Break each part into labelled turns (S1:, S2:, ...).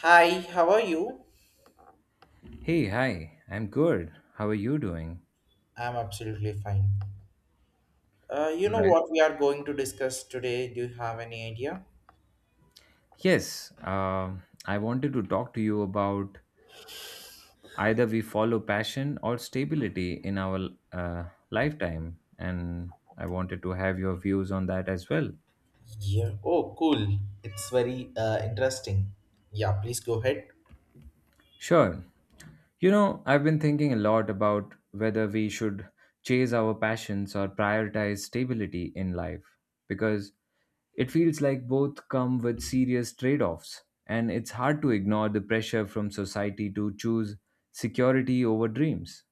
S1: Hi, how are you?
S2: Hey, hi. I'm good. How are you doing?
S1: I'm absolutely fine. You
S2: All
S1: know
S2: right.
S1: what we are going to discuss today? Do you have any idea?
S2: Yes, I wanted to talk to you about either we follow passion or stability in our lifetime, and I wanted to have your views on that as well.
S1: Yeah. Oh, cool. It's very interesting. Yeah, please go ahead.
S2: Sure. You know, I've been thinking a lot about whether we should chase our passions or prioritize stability in life because it feels like both come with serious trade offs, and it's hard to ignore the pressure from society to choose security over dreams.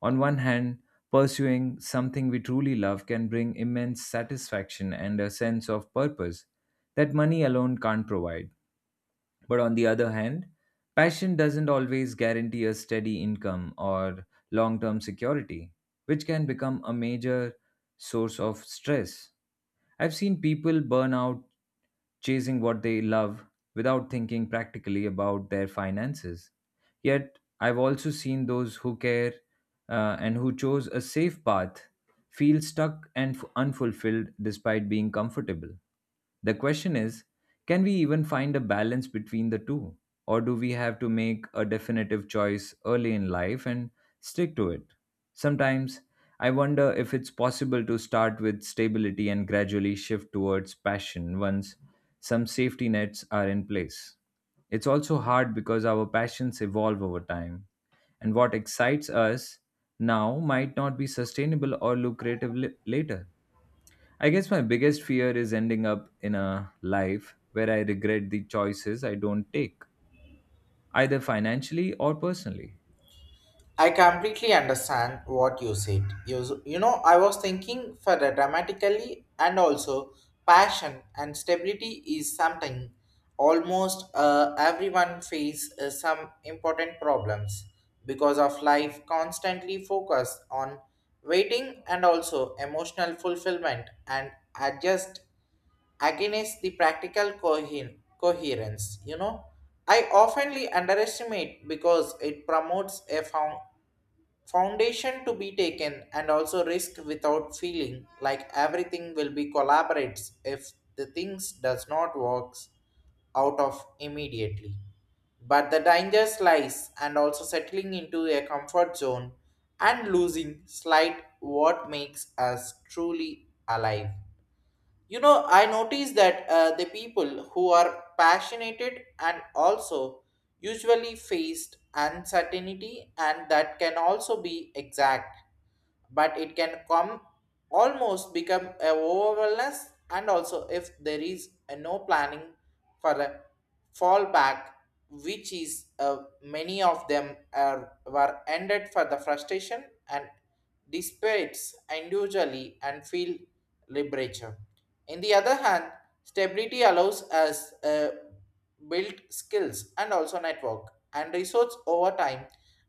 S2: On one hand, pursuing something we truly love can bring immense satisfaction and a sense of purpose that money alone can't provide. But on the other hand, passion doesn't always guarantee a steady income or long term security, which can become a major source of stress. I've seen people burn out chasing what they love without thinking practically about their finances. Yet, I've also seen those who care and who chose a safe path feel stuck and unfulfilled despite being comfortable. The question is, can we even find a balance between the two? Or do we have to make a definitive choice early in life and stick to it? Sometimes I wonder if it's possible to start with stability and gradually shift towards passion once some safety nets are in place. It's also hard because our passions evolve over time, and what excites us now might not be sustainable or lucrative later. I guess my biggest fear is ending up in a life where I regret the choices I don't take, either financially or personally.
S1: I completely understand what you said. You know, I was thinking for the dramatically and also passion and stability is something almost everyone face some important problems because of life constantly focused on waiting and also emotional fulfillment and adjust against the practical coherence. You know, I oftenly underestimate because it promotes a foundation to be taken and also risk without feeling like everything will be collaborates if the things does not works out of immediately, but the danger lies and also settling into a comfort zone and losing slight what makes us truly alive. You know, I notice that the people who are passionate and also usually faced uncertainty, and that can also be exact, but it can come almost become a overwhelmness and also if there is a no planning for a fallback, which is many of them were ended for the frustration and dissipates individually and feel liberation. In the other hand, stability allows us build skills and also network and resource over time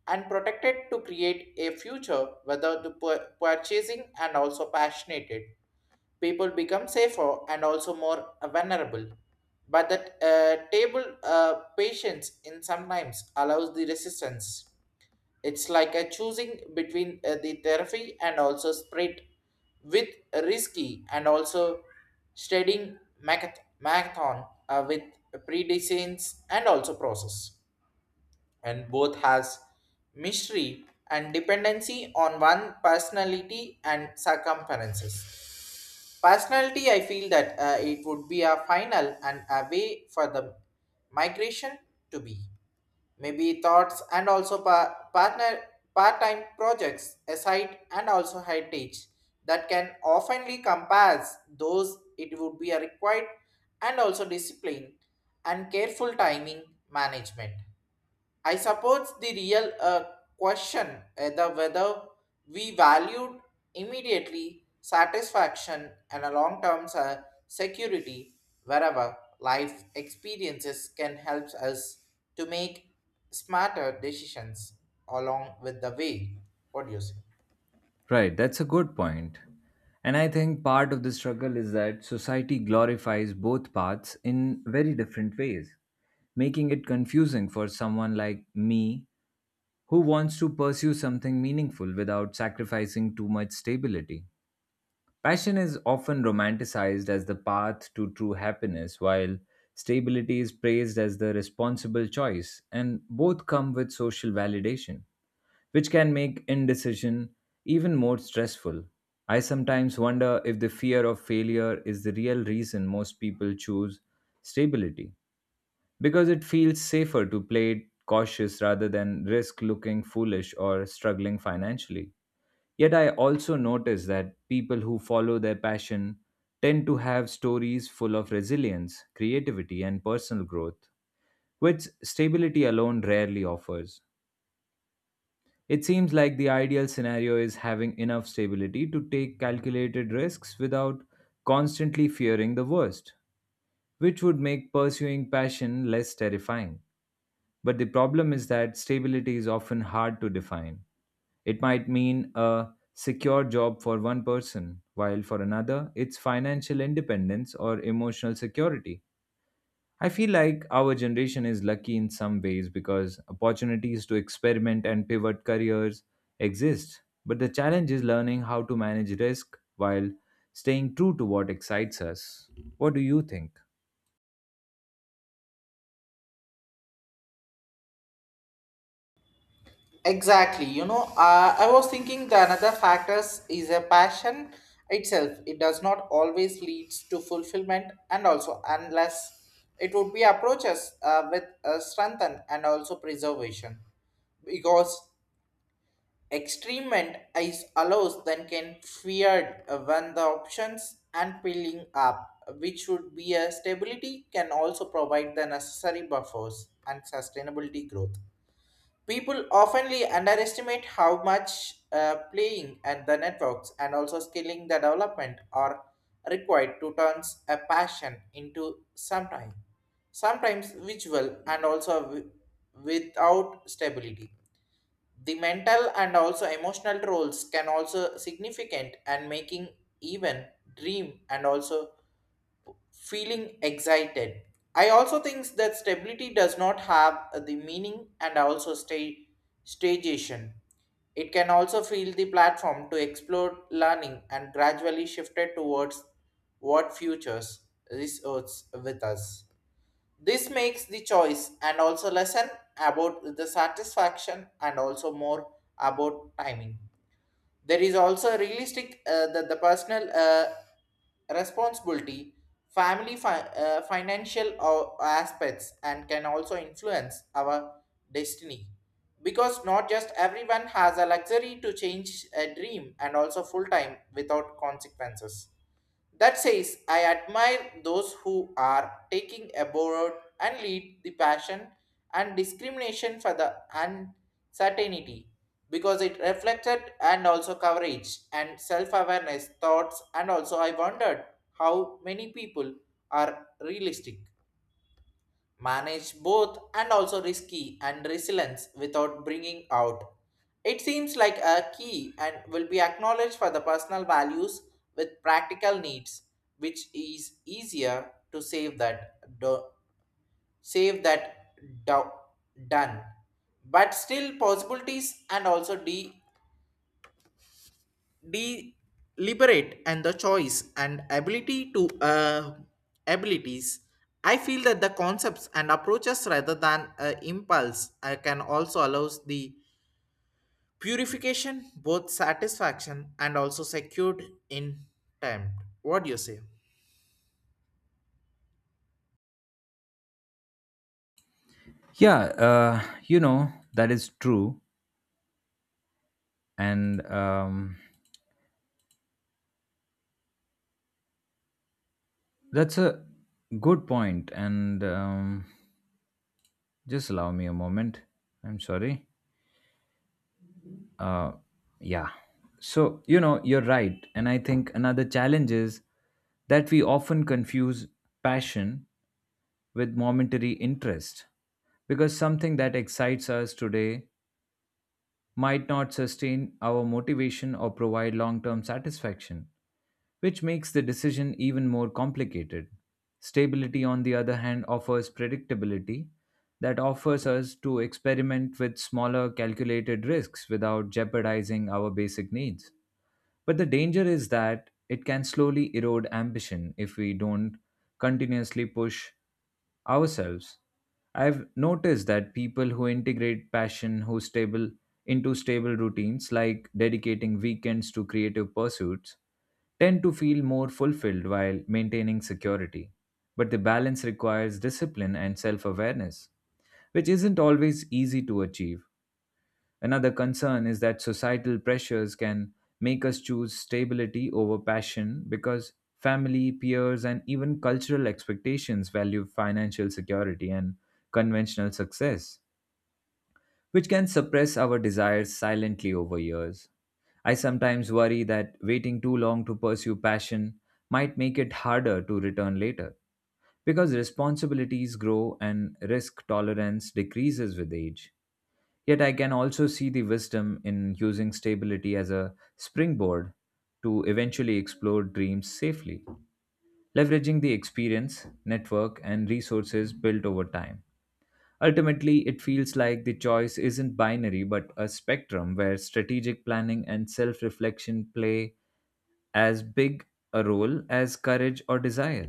S1: and protected to create a future whether the purchasing and also passionate people become safer and also more vulnerable, but that table patience in sometimes allows the resistance. It's like a choosing between the therapy and also spread with risky and also studying marathon with predecessors and also process. And both has mystery and dependency on one personality and circumferences. Personality, I feel that it would be a final and a way for the migration to be maybe thoughts and also partner part-time projects aside and also high teach that can oftenly compass those it would be a required and also discipline and careful timing management. I suppose the real question whether we valued immediately satisfaction and a long term security wherever life experiences can help us to make smarter decisions along with the way. What do you say?
S2: Right, that's a good point. And I think part of the struggle is that society glorifies both paths in very different ways, making it confusing for someone like me who wants to pursue something meaningful without sacrificing too much stability. Passion is often romanticized as the path to true happiness, while stability is praised as the responsible choice, and both come with social validation, which can make indecision even more stressful. I sometimes wonder if the fear of failure is the real reason most people choose stability, because it feels safer to play it cautious rather than risk looking foolish or struggling financially. Yet I also notice that people who follow their passion tend to have stories full of resilience, creativity, and personal growth, which stability alone rarely offers. It seems like the ideal scenario is having enough stability to take calculated risks without constantly fearing the worst, which would make pursuing passion less terrifying. But the problem is that stability is often hard to define. It might mean a secure job for one person, while for another, it's financial independence or emotional security. I feel like our generation is lucky in some ways because opportunities to experiment and pivot careers exist. But the challenge is learning how to manage risk while staying true to what excites us. What do you think?
S1: Exactly. You know, I was thinking the another factors is a passion itself. It does not always leads to fulfillment, and also unless it would be approaches with strengthen and also preservation, because extremement is allows then can feared when the options and peeling up, which would be a stability can also provide the necessary buffers and sustainability growth. People oftenly underestimate how much playing at the networks and also skilling the development are required to turn a passion into sometimes visual and also without stability. The mental and also emotional roles can also significant and making even dream and also feeling excited. I also think that stability does not have the meaning and also stay stagnation. It can also feel the platform to explore learning and gradually shifted towards what futures resorts with us. This makes the choice and also lesson about the satisfaction and also more about timing. There is also a realistic that the personal responsibility, family financial aspects, and can also influence our destiny. Because not just everyone has a luxury to change a dream and also full time without consequences. That says, I admire those who are taking abroad and lead the passion and discrimination for the uncertainty because it reflected and also coverage and self-awareness thoughts, and also I wondered how many people are realistic manage both and also risky and resilience without bringing out. It seems like a key and will be acknowledged for the personal values with practical needs, which is easier to save that do, done, but still possibilities and also de deliberate and the choice and ability to abilities. I feel that the concepts and approaches rather than impulse can also allows the purification both satisfaction and also secured in time. What do you say?
S2: Yeah, you know, that is true. And That's a good point, and just allow me a moment. I'm sorry. Uh, yeah. So, you know, you're right. And I think another challenge is that we often confuse passion with momentary interest because something that excites us today might not sustain our motivation or provide long term satisfaction, which makes the decision even more complicated. Stability, on the other hand, offers predictability that offers us to experiment with smaller calculated risks without jeopardizing our basic needs. But the danger is that it can slowly erode ambition if we don't continuously push ourselves. I've noticed that people who integrate passion who stable into stable routines like dedicating weekends to creative pursuits tend to feel more fulfilled while maintaining security. But the balance requires discipline and self awareness, which isn't always easy to achieve. Another concern is that societal pressures can make us choose stability over passion because family, peers, and even cultural expectations value financial security and conventional success, which can suppress our desires silently over years. I sometimes worry that waiting too long to pursue passion might make it harder to return later because responsibilities grow and risk tolerance decreases with age. Yet I can also see the wisdom in using stability as a springboard to eventually explore dreams safely, leveraging the experience, network, and resources built over time. Ultimately, it feels like the choice isn't binary but a spectrum where strategic planning and self reflection play as big a role as courage or desire.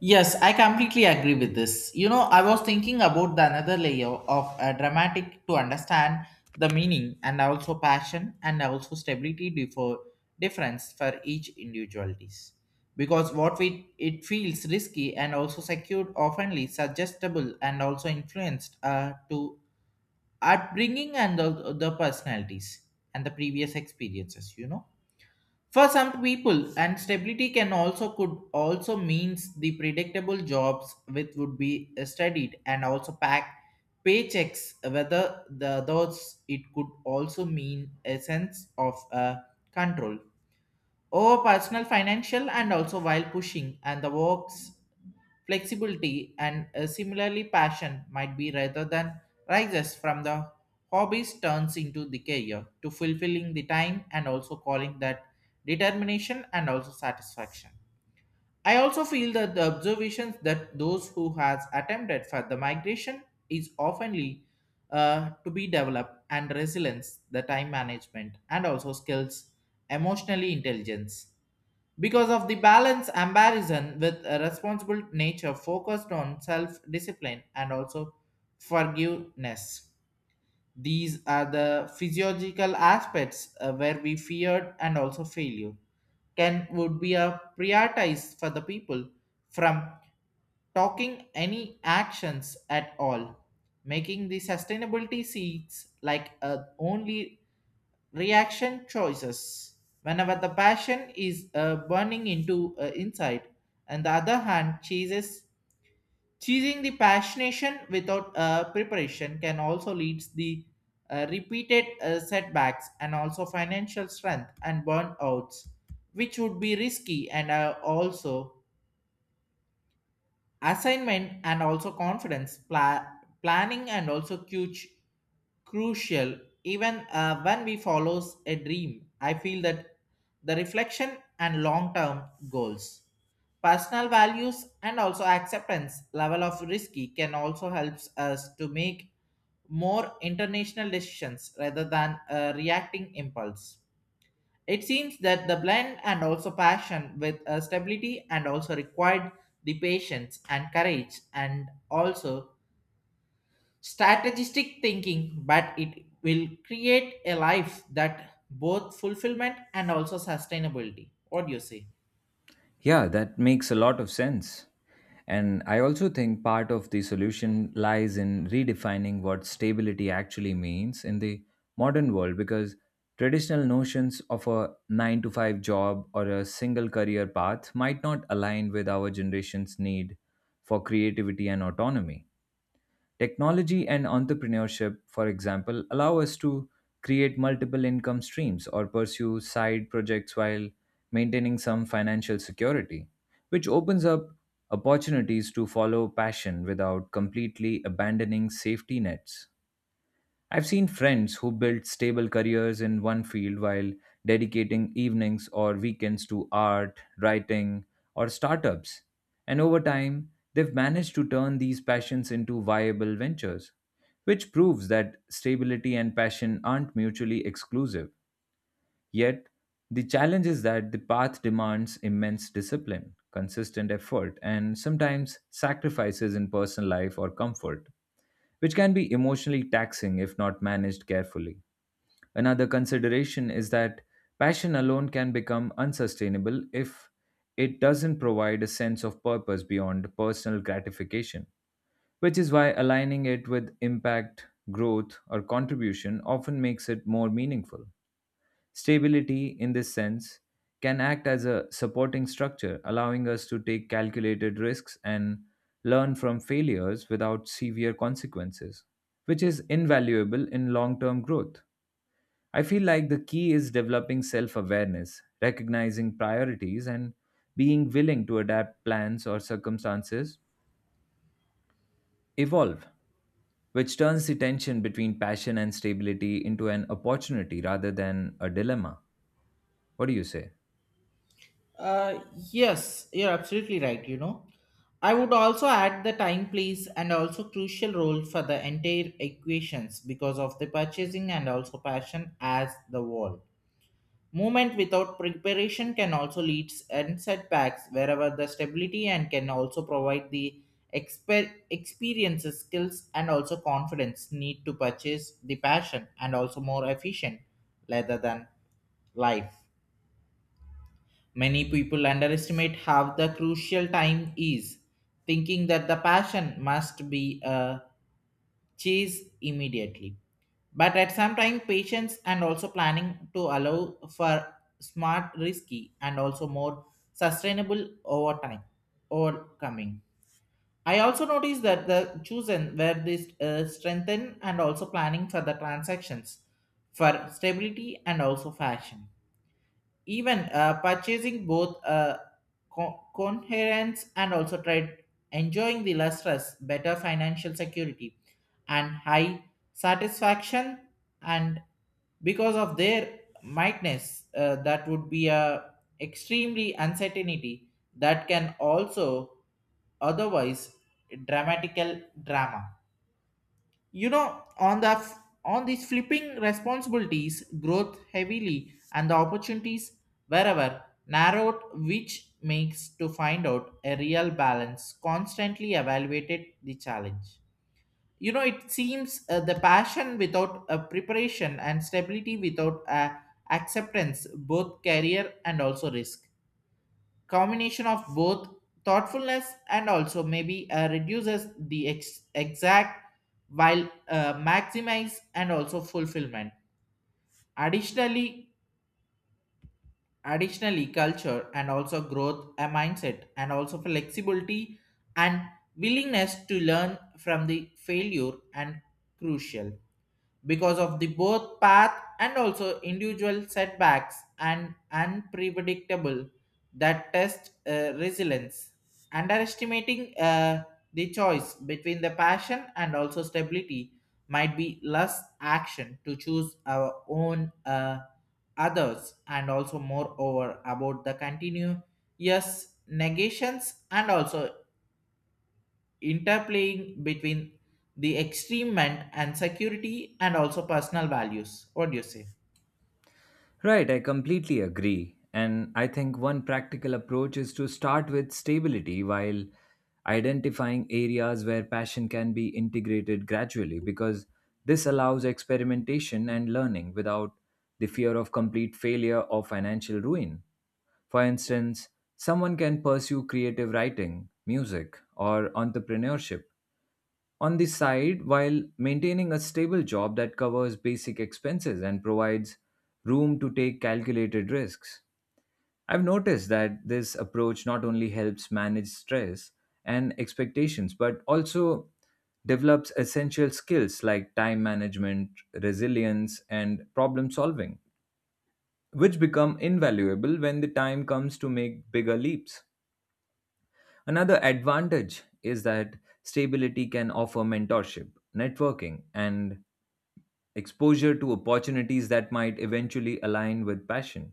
S1: Yes, I completely agree with this. You know, I was thinking about the another layer of dramatic to understand the meaning and also passion and also stability before difference for each individualities. Because what we it feels risky and also secured oftenly suggestible and also influenced to upbringing and the personalities and the previous experiences. You know, for some people, and stability can also could also means the predictable jobs which would be studied and also pack paychecks. Whether the those it could also mean a sense of control over personal financial and also while pushing and the works flexibility and similarly passion might be rather than rises from the hobbies turns into the career to fulfilling the time and also calling that determination and also satisfaction. I also feel that the observations that those who has attempted for the migration is oftenly to be developed and resilience the time management and also skills emotionally intelligence because of the balance ambition with a responsible nature focused on self discipline and also forgiveness. These are the physiological aspects where we feared and also failure can would be a prioritize for the people from talking any actions at all, making the sustainability seats like a only reaction choices whenever the passion is burning into inside, and the other hand chooses choosing the passionation without preparation can also leads the repeated setbacks and also financial strength and burnouts which would be risky and also assignment and also confidence planning and also crucial even when we follows a dream. I feel that the reflection and long term goals, personal values, and also acceptance level of risky can also helps us to make more international decisions rather than a reacting impulse. It seems that the blend and also passion with a stability and also required the patience and courage and also strategistic thinking, but it will create a life that both fulfillment and also sustainability. What do you say?
S2: Yeah, that makes a lot of sense. And I also think part of the solution lies in redefining what stability actually means in the modern world because traditional notions of a 9 to 5 job or a single career path might not align with our generation's need for creativity and autonomy. Technology and entrepreneurship, for example, allow us to create multiple income streams or pursue side projects while maintaining some financial security, which opens up opportunities to follow passion without completely abandoning safety nets. I've seen friends who built stable careers in one field while dedicating evenings or weekends to art, writing, or startups. And over time, they've managed to turn these passions into viable ventures, which proves that stability and passion aren't mutually exclusive. Yet, the challenge is that the path demands immense discipline, consistent effort, and sometimes sacrifices in personal life or comfort, which can be emotionally taxing if not managed carefully. Another consideration is that passion alone can become unsustainable if it doesn't provide a sense of purpose beyond personal gratification, which is why aligning it with impact, growth, or contribution often makes it more meaningful. Stability, in this sense, can act as a supporting structure, allowing us to take calculated risks and learn from failures without severe consequences, which is invaluable in long term growth. I feel like the key is developing self awareness, recognizing priorities, and being willing to adapt plans or circumstances evolve, which turns the tension between passion and stability into an opportunity rather than a dilemma. What do you say?
S1: Uh, yes, you're absolutely right, you know. I would also add the time plays and also crucial role for the entire equations because of the purchasing and also passion as the wall. Movement without preparation can also lead and setbacks wherever the stability and can also provide the experiences, skills, and also confidence need to purchase the passion and also more efficient rather than life. Many people underestimate how the crucial time is, thinking that the passion must be chased immediately. But at some time, patience and also planning to allow for smart, risky, and also more sustainable over time overcoming. I also noticed that the chosen were this strengthen and also planning for the transactions for stability and also fashion, even purchasing both coherence and also tried enjoying the lustrous better financial security and high satisfaction and because of their mightness that would be a extremely uncertainty that can also otherwise dramatical drama. You know, on the on these flipping responsibilities growth heavily and the opportunities wherever narrowed which makes to find out a real balance constantly evaluated the challenge. You know, it seems the passion without a preparation and stability without a acceptance both career and also risk, combination of both thoughtfulness and also maybe reduces the exact while maximize and also fulfillment. Additionally additionally culture and also growth a mindset and also flexibility and willingness to learn from the failure and crucial because of the both path and also individual setbacks and unpredictable that test resilience underestimating the choice between the passion and also stability might be less action to choose our own others and also moreover about the continuous negations and also interplaying between the extreme and security and also personal values. What do you say?
S2: Right, I completely agree. And I think one practical approach is to start with stability while identifying areas where passion can be integrated gradually, because this allows experimentation and learning without the fear of complete failure or financial ruin. For instance, someone can pursue creative writing, music, or entrepreneurship on the side while maintaining a stable job that covers basic expenses and provides room to take calculated risks. I've noticed that this approach not only helps manage stress and expectations, but also develops essential skills like time management, resilience, and problem solving, which become invaluable when the time comes to make bigger leaps. Another advantage is that stability can offer mentorship, networking, and exposure to opportunities that might eventually align with passion,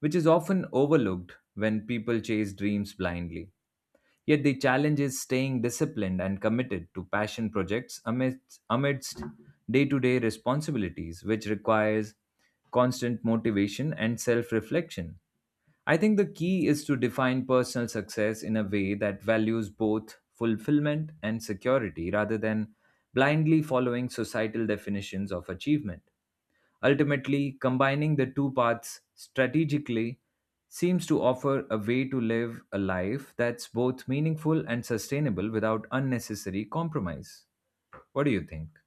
S2: which is often overlooked when people chase dreams blindly. Yet the challenge is staying disciplined and committed to passion projects amidst day-to-day responsibilities, which requires constant motivation and self-reflection. I think the key is to define personal success in a way that values both fulfillment and security rather than blindly following societal definitions of achievement. Ultimately, combining the two paths strategically seems to offer a way to live a life that's both meaningful and sustainable without unnecessary compromise. What do you think?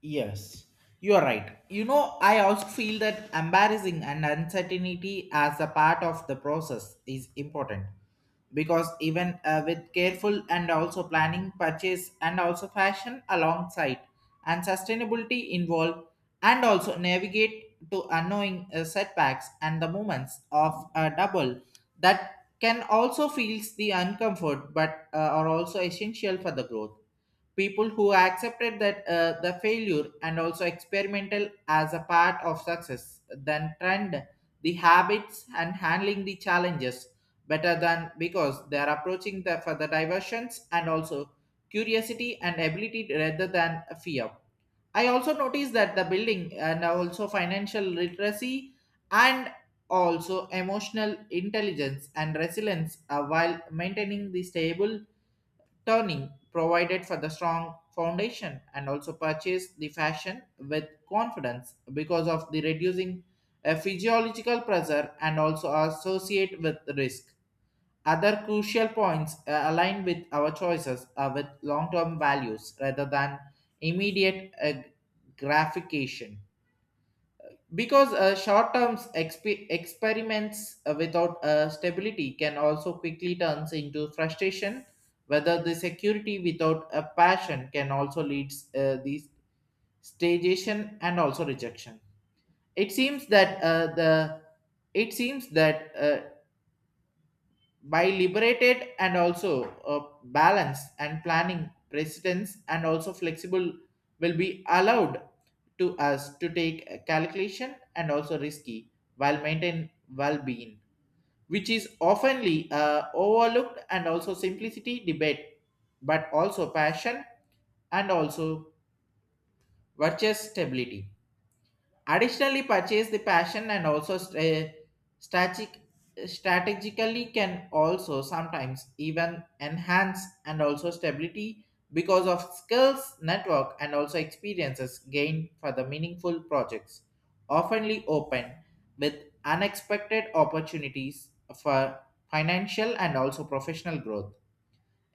S1: Yes, you are right. You know, I also feel that embarrassing and uncertainty as a part of the process is important because even with careful and also planning purchase and also fashion alongside and sustainability involved and also navigate to unknowing setbacks and the moments of a double that can also feels the uncomfort, but are also essential for the growth. People who accepted that the failure and also experimental as a part of success then trend the habits and handling the challenges better than because they are approaching the for the diversions and also curiosity and ability rather than fear. I also noticed that the building and also financial literacy and also emotional intelligence and resilience while maintaining the stable turning provided for the strong foundation and also purchased the fashion with confidence because of the reducing physiological pressure and also associate with risk. Other crucial points align with our choices are with long-term values rather than immediate gratification because short-term experiments without stability can also quickly turn into frustration whether the security without a passion can also lead these stagnation and also rejection. It seems that the it seems that by liberated and also balance and planning precedence and also flexible will be allowed to us to take a calculation and also risky while maintain well-being, which is oftenly overlooked and also simplicity debate but also passion and also virtuous stability. Additionally, purchase the passion and also strategic, strategically can also sometimes even enhance and also stability because of skills, network, and also experiences gained for the meaningful projects, oftenly open with unexpected opportunities for financial and also professional growth.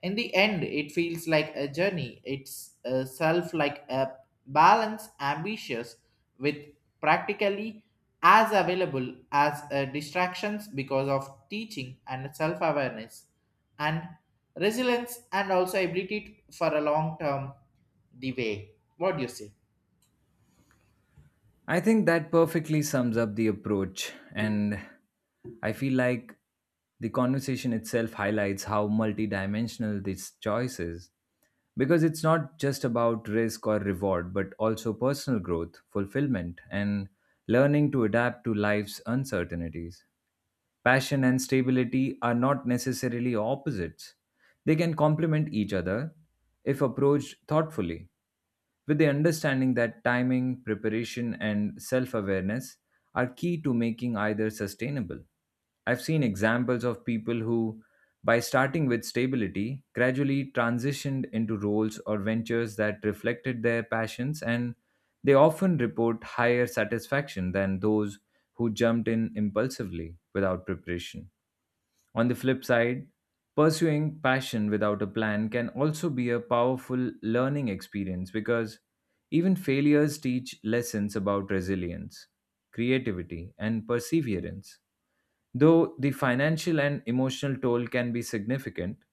S1: In the end, it feels like a journey. It's a self like a balance, ambitious with practically as available as distractions because of teaching and self awareness and resilience and also ability for a long term the way. What do you say?
S2: I think that perfectly sums up the approach, and I feel like the conversation itself highlights how multidimensional this choice is. Because it's not just about risk or reward, but also personal growth, fulfillment, and learning to adapt to life's uncertainties. Passion and stability are not necessarily opposites, they can complement each other if approached thoughtfully with the understanding that timing, preparation, and self awareness are key to making either sustainable. I've seen examples of people who, by starting with stability, gradually transitioned into roles or ventures that reflected their passions, and they often report higher satisfaction than those who jumped in impulsively without preparation. On the flip side, pursuing passion without a plan can also be a powerful learning experience because even failures teach lessons about resilience, creativity, and perseverance. Though the financial and emotional toll can be significant,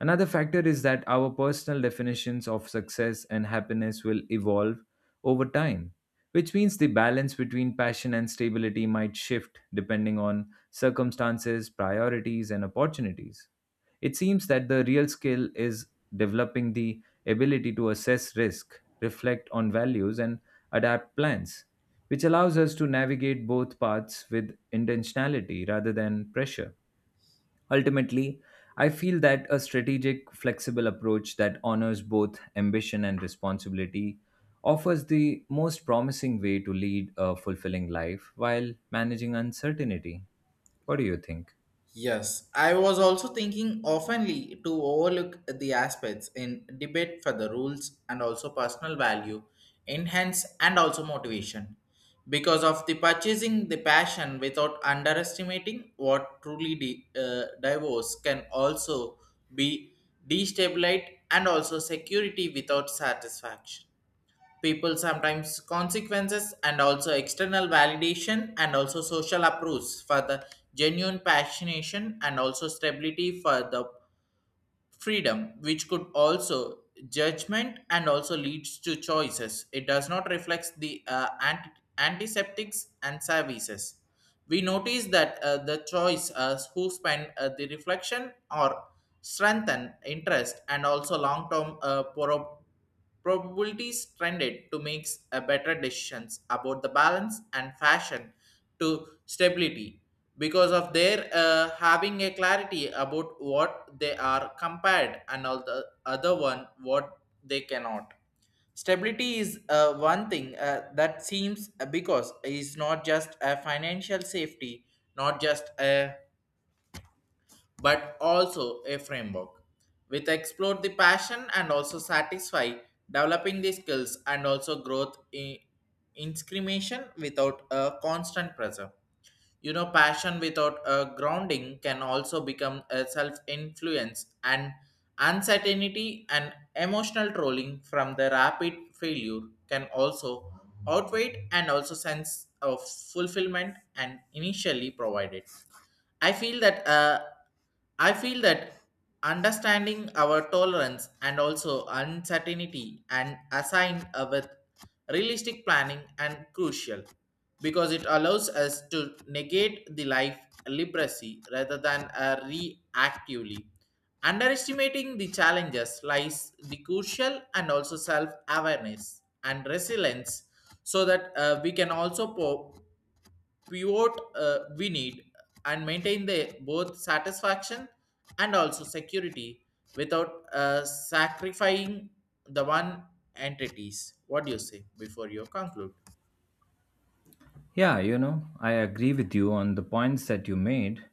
S2: another factor is that our personal definitions of success and happiness will evolve over time, which means the balance between passion and stability might shift depending on circumstances, priorities, and opportunities. It seems that the real skill is developing the ability to assess risk, reflect on values, and adapt plans, which allows us to navigate both paths with intentionality rather than pressure. Ultimately, I feel that a strategic, flexible approach that honors both ambition and responsibility offers the most promising way to lead a fulfilling life while managing uncertainty. What do you think?
S1: Yes, I was also thinking oftenly to overlook the aspects in debate for the rules and also personal value, enhance and also motivation. Because of the purchasing the passion without underestimating what truly divorce can also be destabilized and also security without satisfaction. People sometimes consequences and also external validation and also social approves for the genuine passionation and also stability for the freedom which could also judgment and also leads to choices it does not reflect the antiseptics and services. We notice that the choice who spend the reflection or strengthen interest and also long-term probabilities trended to make a better decisions about the balance and fashion to stability because of their having a clarity about what they are compared and all the other one what they cannot. Stability is one thing that seems because it's not just a financial safety, not just a but also a framework with explore the passion and also satisfy developing the skills and also growth in inscrimination without a constant pressure. You know, passion without a grounding can also become a self influence and uncertainty and emotional trolling from the rapid failure can also outweigh and also sense of fulfillment and initially provided. I feel that uh, I feel that understanding our tolerance and also uncertainty and assigned with realistic planning and crucial because it allows us to negate the life literacy rather than reactively. Underestimating the challenges lies the crucial and also self awareness and resilience so that we can also pivot we need and maintain the both satisfaction and also security without sacrificing the one entities. What do you say before you conclude?
S2: Yeah, you know, I agree with you on the points that you made.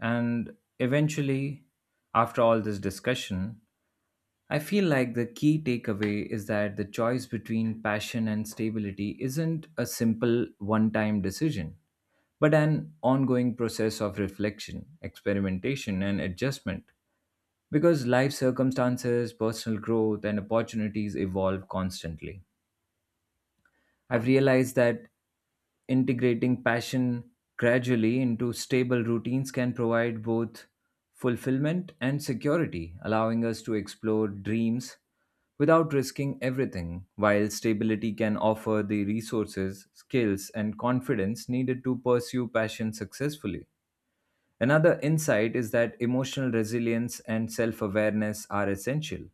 S2: And eventually, after all this discussion, I feel like the key takeaway is that the choice between passion and stability isn't a simple one time decision but an ongoing process of reflection, experimentation, and adjustment because life circumstances, personal growth, and opportunities evolve constantly. I've realized that integrating passion gradually into stable routines can provide both fulfillment and security, allowing us to explore dreams without risking everything, while stability can offer the resources, skills, and confidence needed to pursue passion successfully. Another insight is that emotional resilience and self awareness are essential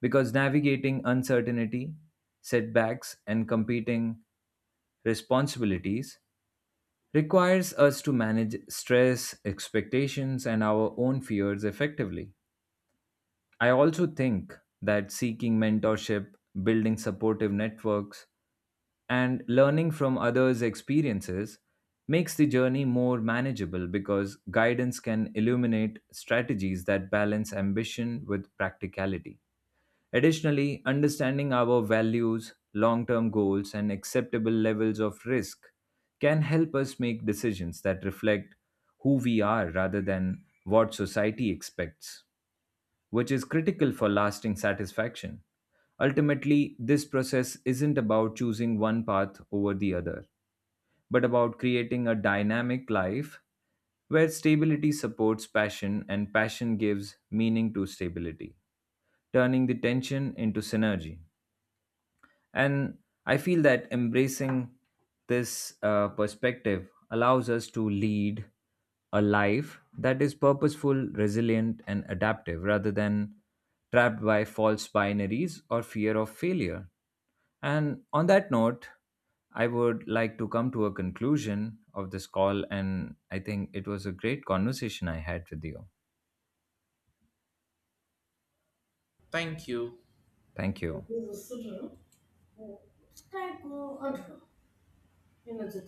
S2: because navigating uncertainty, setbacks, and competing responsibilities requires us to manage stress, expectations, and our own fears effectively. I also think that seeking mentorship, building supportive networks, and learning from others' experiences makes the journey more manageable because guidance can illuminate strategies that balance ambition with practicality. Additionally, understanding our values, long term goals, and acceptable levels of risk can help us make decisions that reflect who we are rather than what society expects, which is critical for lasting satisfaction. Ultimately, this process isn't about choosing one path over the other, but about creating a dynamic life where stability supports passion and passion gives meaning to stability, turning the tension into synergy. And I feel that embracing this perspective allows us to lead a life that is purposeful, resilient, and adaptive rather than trapped by false binaries or fear of failure. And on that note, I would like to come to a conclusion of this call. And I think it was a great conversation I had with you.
S1: Thank you.
S2: Thank you.
S1: Thank you.